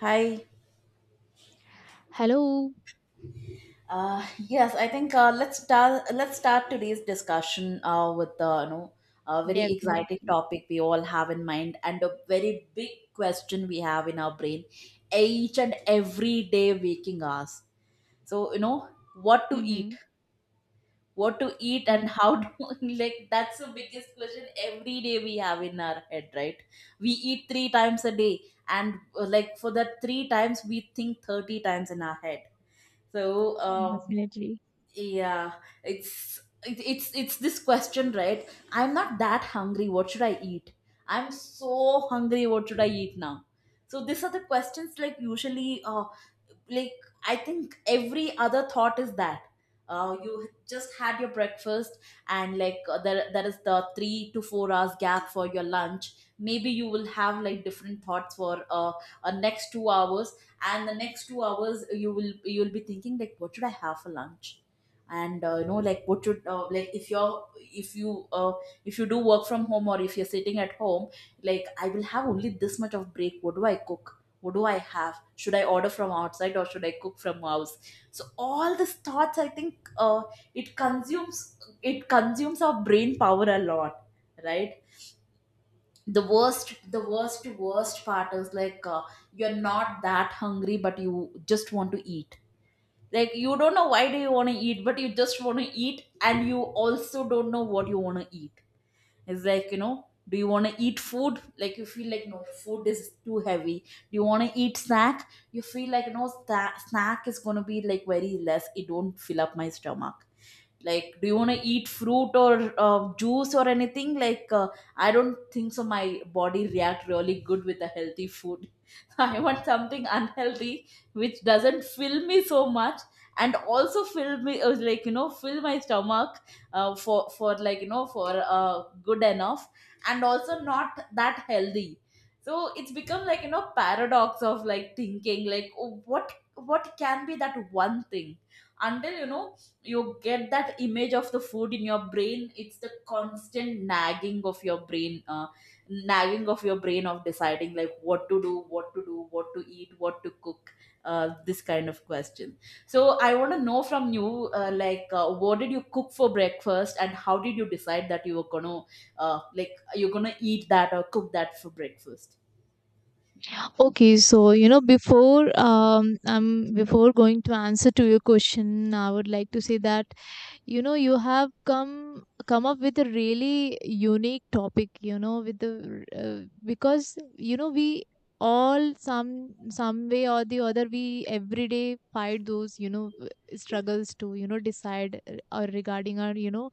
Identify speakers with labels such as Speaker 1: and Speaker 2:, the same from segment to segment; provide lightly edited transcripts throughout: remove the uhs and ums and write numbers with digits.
Speaker 1: Hi.
Speaker 2: Hello.
Speaker 1: Yes, I think let's start. Let's start today's discussion with the a very exciting
Speaker 2: Definitely.
Speaker 1: topic we all have in mind and a very big question we have in our brain each and every day waking hours. So what to eat,
Speaker 2: Mm-hmm. Yeah,
Speaker 1: and how to like that's the biggest question every day we have in our head, right? We eat three times a day, and like for that three times we think 30 times in our head. So. Uh,
Speaker 2: definitely.
Speaker 1: Yeah, it's this question, right? I'm not that hungry. What should I eat? I'm so hungry. What should I eat now? So these are the questions like usually like I think every other thought is that. You just had your breakfast and like there is the 3 to 4 hours gap for your lunch. Maybe you will have like different thoughts for next 2 hours, and the next 2 hours you will you'll be thinking like what should I have for lunch? And you know like what should like if you're if you do work from home or if you're sitting at home, like I will have only this much of break. What do I cook? What do I have? Should I order from outside or should I cook from house? So all these thoughts I think, it consumes it consumes our brain power a lot, right? The worst, worst part is like, you're not that hungry but you just want to eat. Like you don't know why do you want to eat, but you just want to eat, and you also don't know what you want to eat. It's like, you know, do you want to eat food? Like you feel like no, food is too heavy. Do you want to eat snack? You feel like no, snack is going to be like very less, it don't fill up my stomach. Like do you want to eat fruit or juice or anything? Like I don't think so my body react really good with a healthy food. I want something unhealthy, which doesn't fill me so much, and also fill me, like you know, fill my stomach for like you know, for good enough, and also not that healthy. So it's become like, you know, paradox of like thinking like, oh, what can be that one thing until, you know, you get that image of the food in your brain. It's the constant nagging of your brain, of deciding like what to do, what to do, what to eat, what to cook, this kind of question. So I want to know from you, what did you cook for breakfast, and how did you decide that you were gonna, like you're gonna eat that or cook that for breakfast?
Speaker 2: Okay, so you know, before going to answer to your question, I would like to say that you know you have come up with a really unique topic, you know, with the because you know we all, some way or the other, we every day fight those, you know, struggles to, you know, decide or regarding our, you know,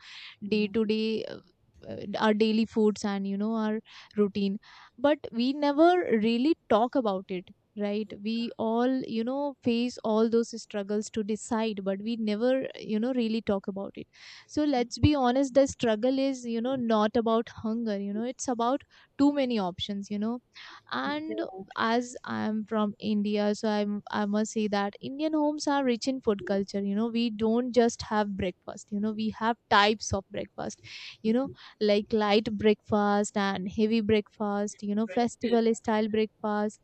Speaker 2: day
Speaker 1: Mm.
Speaker 2: to day, our daily foods and you know our routine, but we never really talk about it, right? We all, you know, face all those struggles to decide, but we never, you know, really talk about it. So let's be honest, the struggle is, you know, not about hunger, you know, it's about too many options, you know. And as I'm from India, so I must say that Indian homes are rich in food culture. You know, we don't just have breakfast, you know, we have types of breakfast, you know, like light breakfast and heavy breakfast, you know,
Speaker 1: Yeah.
Speaker 2: festival style breakfast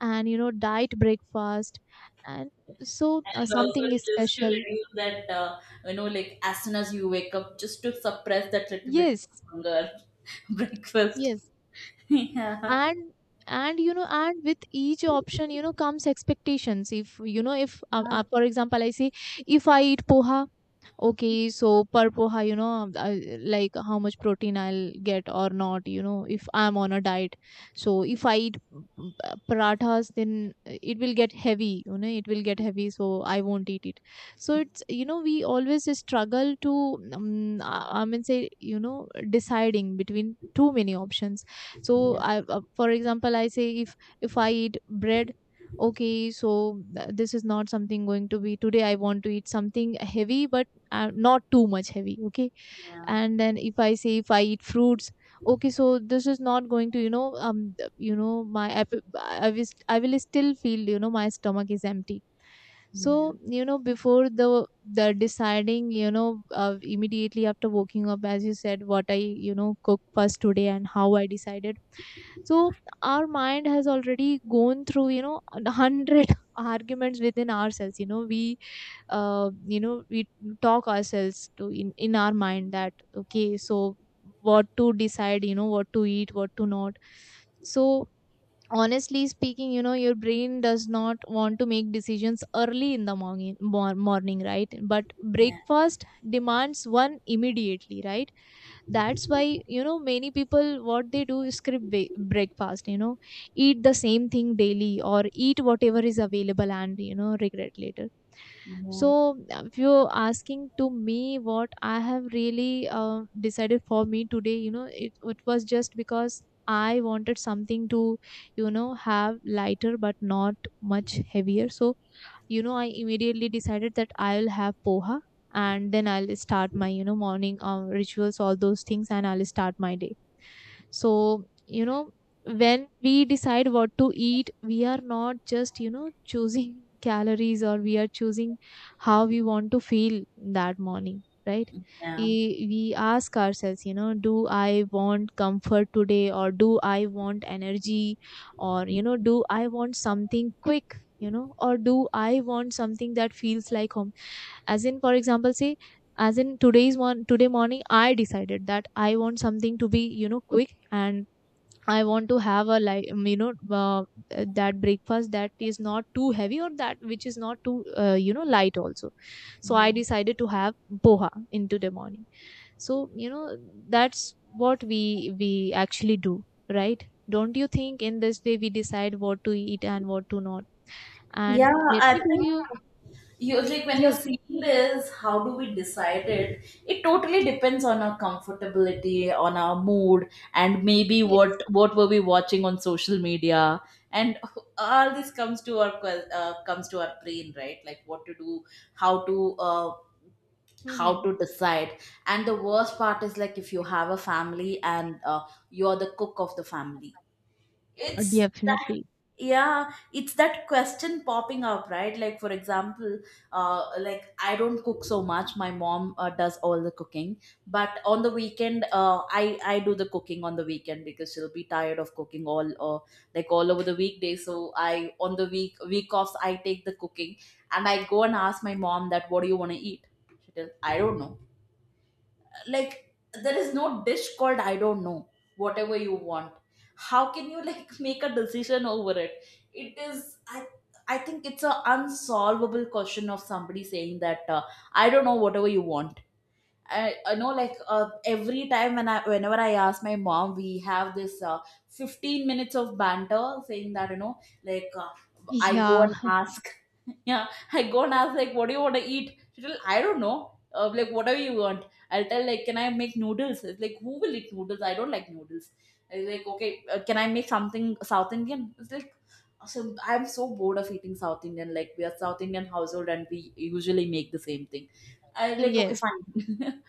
Speaker 2: and, you know, diet breakfast. And
Speaker 1: And also
Speaker 2: something is
Speaker 1: just to
Speaker 2: special.
Speaker 1: reduce that, you know, like as soon as you wake up, just to suppress that little bit of
Speaker 2: Yes,
Speaker 1: hunger, breakfast.
Speaker 2: yes.
Speaker 1: Yeah.
Speaker 2: and and you know and with each option, you know, comes expectations. If, you know, if uh,
Speaker 1: Yeah.
Speaker 2: uh, for example I say, if I eat poha, okay, so per poha, you know, like how much protein I'll get or not, you know, if I'm on a diet. So if I eat parathas, then it will get heavy, you know, it will get heavy, so I won't eat it. So it's, you know, we always struggle to, I mean say, you know, deciding between too many options. So
Speaker 1: Yeah.
Speaker 2: I for example I say, if I eat bread, okay, so this is not something going to be today. I want to eat something heavy but not too much heavy, okay.
Speaker 1: Yeah.
Speaker 2: And then if I say, if I eat fruits, okay, so this is not going to, you know, you know, I will, I will still feel, you know, my stomach is empty.
Speaker 1: Yeah.
Speaker 2: So you know before the deciding, you know, immediately after waking up, as you said, what I, you know, cook first today and how I decided. So our mind has already gone through, you know, 100 arguments within ourselves, you know, we you know, we talk ourselves in our mind that okay, so what to decide, you know, what to eat, what to not. So honestly speaking, you know, your brain does not want to make decisions early in the morning, right? But
Speaker 1: Yeah.
Speaker 2: breakfast demands one immediately, right? That's why, you know, many people what they do is skip breakfast, you know, eat the same thing daily or eat whatever is available and, you know, regret later.
Speaker 1: Yeah.
Speaker 2: So if you're asking to me what I have really decided for me today, you know, it was just because I wanted something to, you know, have lighter but not much heavier. So you know I immediately decided that I'll have poha and then I'll start my, you know, morning rituals, all those things, and I'll start my day. So, you know, when we decide what to eat, we are not just, you know, choosing calories, or we are choosing how we want to feel that morning, right?
Speaker 1: Yeah.
Speaker 2: We ask ourselves, you know, do I want comfort today or do I want energy, or, you know, do I want something quick, you know, or do I want something that feels like home? As in, for example, say, as in today's one, today morning, I decided that I want something to be, you know, quick. And I want to have a like, you know, uh, that breakfast that is not too heavy or that which is not too, you know, light also. So I
Speaker 1: Yeah.
Speaker 2: decided to have poha into the morning. So, you know, that's what we actually do, right? Don't you think in this way we decide what to eat and what to not? And
Speaker 1: Yeah,
Speaker 2: let
Speaker 1: I
Speaker 2: me tell
Speaker 1: think.
Speaker 2: you,
Speaker 1: You like when
Speaker 2: yes,
Speaker 1: you're seeing this, how do we decide it? It totally depends on our comfortability, on our mood, and maybe
Speaker 2: yes.
Speaker 1: what were we watching on social media, and all this comes to our comes to our brain, right? Like what to do, how to uh, how
Speaker 2: Mhm.
Speaker 1: to decide. And the worst part is like if you have a family and, you're the cook of the family, it's that,
Speaker 2: Definitely.
Speaker 1: yeah, it's that question popping up, right? Like for example, I don't cook so much, my mom does all the cooking. But on the weekend, I do the cooking on the weekend, because she'll be tired of cooking all, like all over the weekday. So I on the week offs I take the cooking, and I go and ask my mom that what do you want to eat. She tells I don't know. Like there is no dish called I don't know, whatever you want. How can you like make a decision over it? It is I think it's a unsolvable question of somebody saying that, I don't know, whatever you want. I know like, every time whenever I ask my mom, we have this 15 minutes of banter saying that, you know, like, I go
Speaker 2: Yeah,
Speaker 1: and ask, yeah, I go and ask like, what do you want to eat? She'll I don't know, like whatever you want. I'll tell like, can I make noodles? It's like who will eat noodles? I don't like noodles. It's like, okay, can I make something South Indian? It's like, so I'm so bored of eating South Indian. Like we are South Indian household and we usually make the same thing. I like, okay,
Speaker 2: yes.
Speaker 1: fine.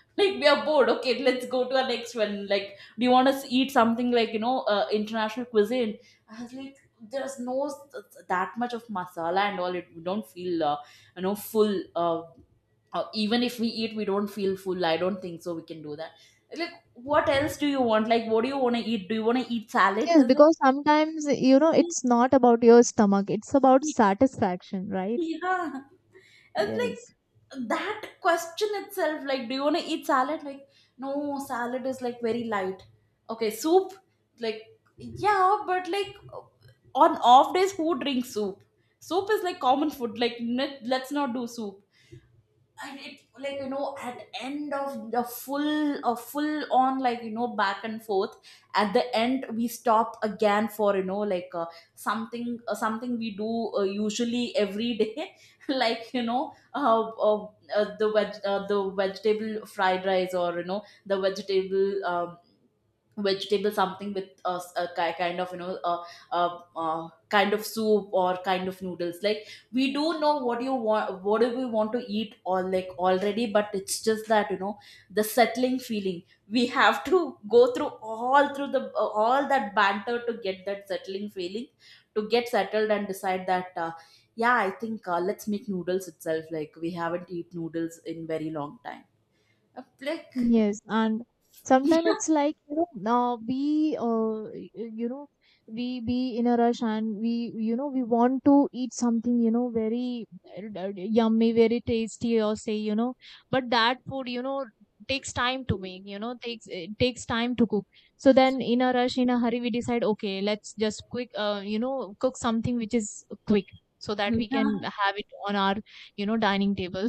Speaker 1: Like we are bored, okay, let's go to our next one. Like do you want to eat something like, you know, international cuisine? I was like, there's no that much of masala and all, it we don't feel, you know, full, even if we eat we don't feel full, I don't think so we can do that. Like what else do you want? Like what do you want to eat? Do you want to eat salad? I
Speaker 2: Yes,
Speaker 1: was
Speaker 2: because sometimes, you know, it's not about your stomach, it's about
Speaker 1: like,
Speaker 2: satisfaction, right?
Speaker 1: yeah, it's
Speaker 2: Yes.
Speaker 1: like that question itself, like, do you want to eat salad? Like, no, salad is like very light. Okay, soup, like, yeah, but like on off days, who drinks soup? Soup is like common food. Like, let's not do soup. And it like, you know, at end of the full a full on like, you know, back and forth, at the end we stop again for, you know, like, something we do usually every day, like, you know, the vegetable fried rice, or you know, the vegetable something with, uh, kind of, you know, kind of soup or kind of noodles. Like we do know what you want, what do we want to eat or like already, but it's just that, you know, the settling feeling, we have to go through all through the all that banter to get that settling feeling, to get settled and decide that, yeah, I think, let's make noodles itself, like we haven't eat noodles in very long time. Uh, like
Speaker 2: Yes, and sometimes
Speaker 1: yeah,
Speaker 2: it's like, you know, you know, we be in a rush and we, you know, we want to eat something, you know, very yummy, very tasty, or say, you know, but that food, you know, takes time to make, you know, takes, it takes time to cook. So then in a rush, in a hurry, we decide okay, let's just quick, you know, cook something which is quick, so that we can
Speaker 1: yeah,
Speaker 2: have it on our, you know, dining table.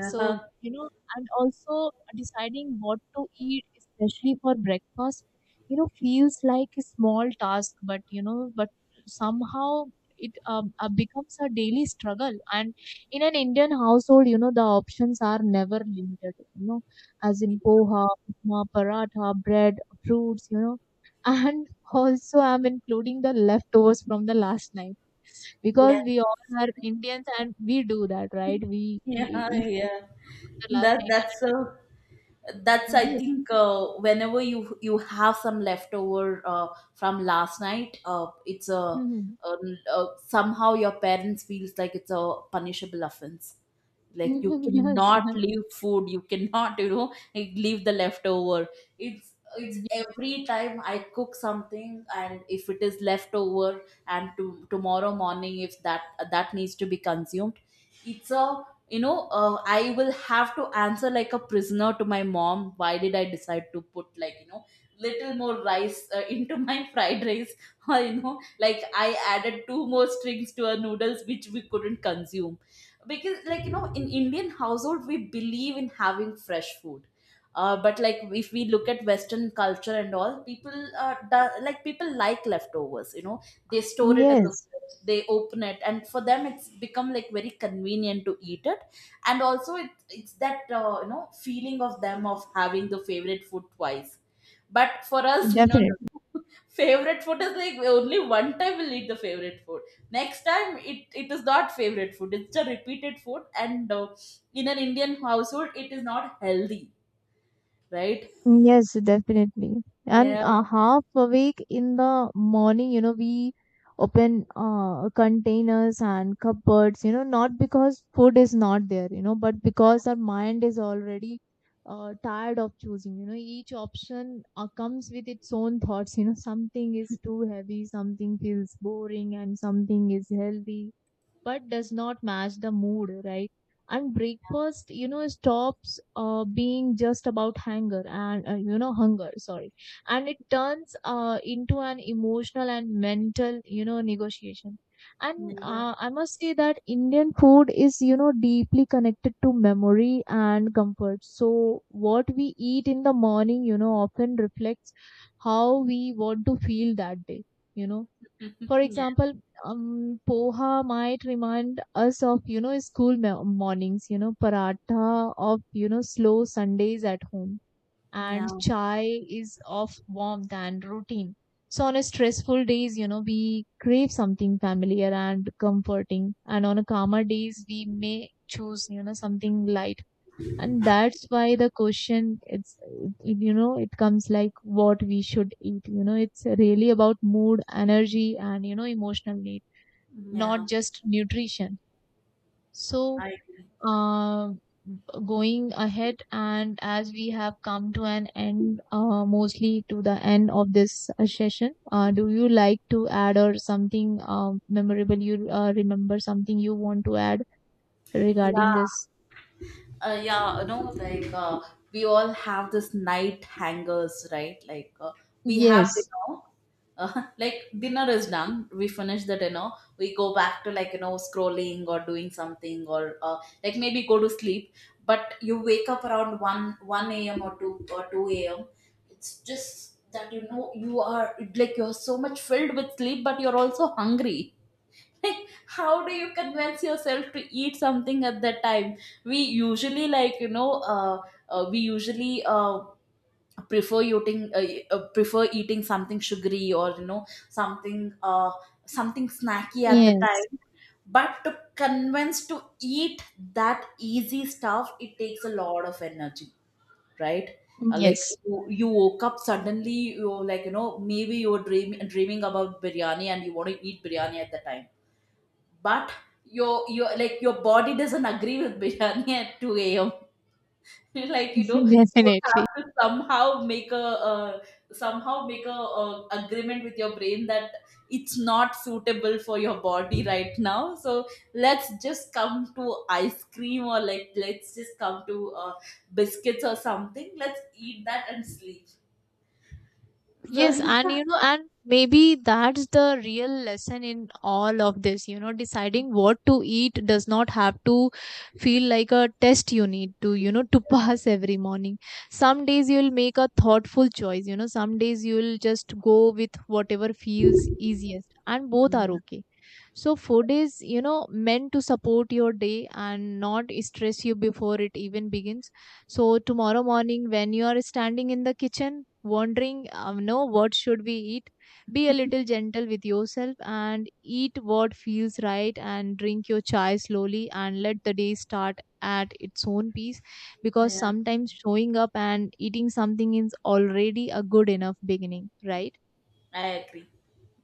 Speaker 2: So, you know, and also deciding what to eat, especially for breakfast, you know, feels like a small task, but you know, but somehow it becomes a daily struggle. And in an Indian household, you know, the options are never limited, you know, as in poha, upma, paratha, bread, fruits, you know. And also, I'm including the leftovers from the last night, because we all are Indians and we do that, right? We
Speaker 1: yeah,
Speaker 2: eat
Speaker 1: yeah,
Speaker 2: the last
Speaker 1: that
Speaker 2: night.
Speaker 1: that's
Speaker 2: And
Speaker 1: I
Speaker 2: yes.
Speaker 1: think, whenever you have some leftover, from last night, it's
Speaker 2: Mhm.
Speaker 1: a, a somehow your parents feels like it's a punishable offense. Like you
Speaker 2: Mhm. Yes.
Speaker 1: cannot
Speaker 2: And
Speaker 1: leave food, you cannot, you know, leave the leftover. It's every time I cook something and if it is leftover and tomorrow morning if that needs to be consumed, it's a, you know, I will have to answer like a prisoner to my mom, why did I decide to put like, you know, little more rice, into my fried rice, or, you know, like I added two more strings to our noodles which we couldn't consume. Because like, you know, in Indian household we believe in having fresh food, but like if we look at western culture and all, like people like leftovers, you know. They store it
Speaker 2: yes.
Speaker 1: in the
Speaker 2: Yes,
Speaker 1: fridge, they open it, and for them it's become like very convenient to eat it. And also it's that, you know, feeling of them of having the favorite food twice. But for us, no,
Speaker 2: definitely.
Speaker 1: no, favorite food is like only one time we'll eat the favorite food. Next time it is not favorite food, it's a repeated food, and, in an Indian household it is not healthy, right?
Speaker 2: Yes, definitely. And
Speaker 1: Yeah,
Speaker 2: half awake in the morning, you know, we open containers and cupboards, you know, not because food is not there, you know, but because our mind is already tired of choosing. You know, each option comes with its own thoughts. You know, something is too heavy, something feels boring, and something is healthy but does not match the mood, right? And breakfast, you know, stops being just about hunger and, you know, hunger, sorry. And it turns into an emotional and mental, you know, negotiation. And
Speaker 1: yeah,
Speaker 2: I must say that Indian food is, you know, deeply connected to memory and comfort. So what we eat in the morning, you know, often reflects how we want to feel that day, you know. For
Speaker 1: yeah,
Speaker 2: example, poha might remind us of, you know, school mornings, you know, paratha of, you know, slow Sundays at home,
Speaker 1: yeah,
Speaker 2: and chai is of warmth and routine. So on a stressful days, you know, we crave something familiar and comforting, and on a calmer days, we may choose, you know, something light. And that's why the question, it's, it- you know, it comes like what we should eat, you know, it's really about mood, energy, and, you know, emotional need,
Speaker 1: yeah.
Speaker 2: not just nutrition. So
Speaker 1: I agree.
Speaker 2: uh, going ahead, and as we have come to an end, mostly to the end of this session, do you like to add or something memorable you remember, something you want to add regarding
Speaker 1: Yeah.
Speaker 2: this?
Speaker 1: Yeah, no, like, we all have this night hangers, right? Like, we have
Speaker 2: Yes,
Speaker 1: dinner, like dinner is done. We finish the dinner. We go back to like, you know, scrolling or doing something, or like maybe go to sleep. But you wake up around one a.m. or two a.m. It's just that, you know, you are like you're so much filled with sleep, but you're also hungry. Like how do you convince yourself to eat something at that time? We usually like, you know, we usually prefer eating, prefer eating something sugary, or, you know, something, something snacky at the
Speaker 2: yes,
Speaker 1: time. But to convince to eat that easy stuff, it takes a lot of energy, right?
Speaker 2: yes.
Speaker 1: You, you woke up suddenly, you like, you know, maybe you were dreaming about biryani and you want to eat biryani at the time, but your like your body doesn't agree with biryani at 2 a.m. Like, you know, you
Speaker 2: Definitely.
Speaker 1: have to somehow make a, uh, agreement with your brain that it's not suitable for your body right now. So let's just come to ice cream, or like let's just come to, biscuits or something, let's eat that and sleep. So
Speaker 2: Yes, and you know, and maybe that's the real lesson in all of this. You know, deciding what to eat does not have to feel like a test you need to, you know, to pass every morning. Some days you'll make a thoughtful choice, you know, some days you'll just go with whatever feels easiest, and both are
Speaker 1: yeah,
Speaker 2: okay. So food is, you know, meant to support your day and not stress you before it even begins. So tomorrow morning, when you are standing in the kitchen, wondering, no, what should we eat? Be a little gentle with yourself and eat what feels right, and drink your chai slowly, and let the day start at its own pace, because
Speaker 1: yeah.
Speaker 2: sometimes showing up and eating something is already a good enough beginning, right?
Speaker 1: I agree.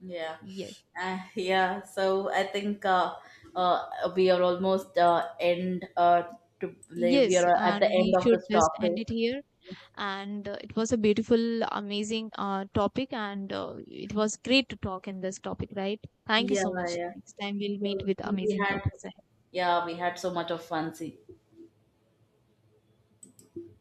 Speaker 1: Yeah.
Speaker 2: Yes.
Speaker 1: Yeah. So I think, uh, we are almost end to we
Speaker 2: Yes,
Speaker 1: are at the
Speaker 2: and
Speaker 1: end
Speaker 2: we
Speaker 1: of
Speaker 2: should
Speaker 1: this
Speaker 2: just end it
Speaker 1: topic.
Speaker 2: here. And it was a beautiful, amazing topic, and it was great to talk in this topic, right? Thank you
Speaker 1: Yeah,
Speaker 2: so much.
Speaker 1: yeah.
Speaker 2: Next time we'll
Speaker 1: So
Speaker 2: meet
Speaker 1: I
Speaker 2: with
Speaker 1: think we
Speaker 2: amazing
Speaker 1: had,
Speaker 2: topics.
Speaker 1: yeah, we had so much of fun. See.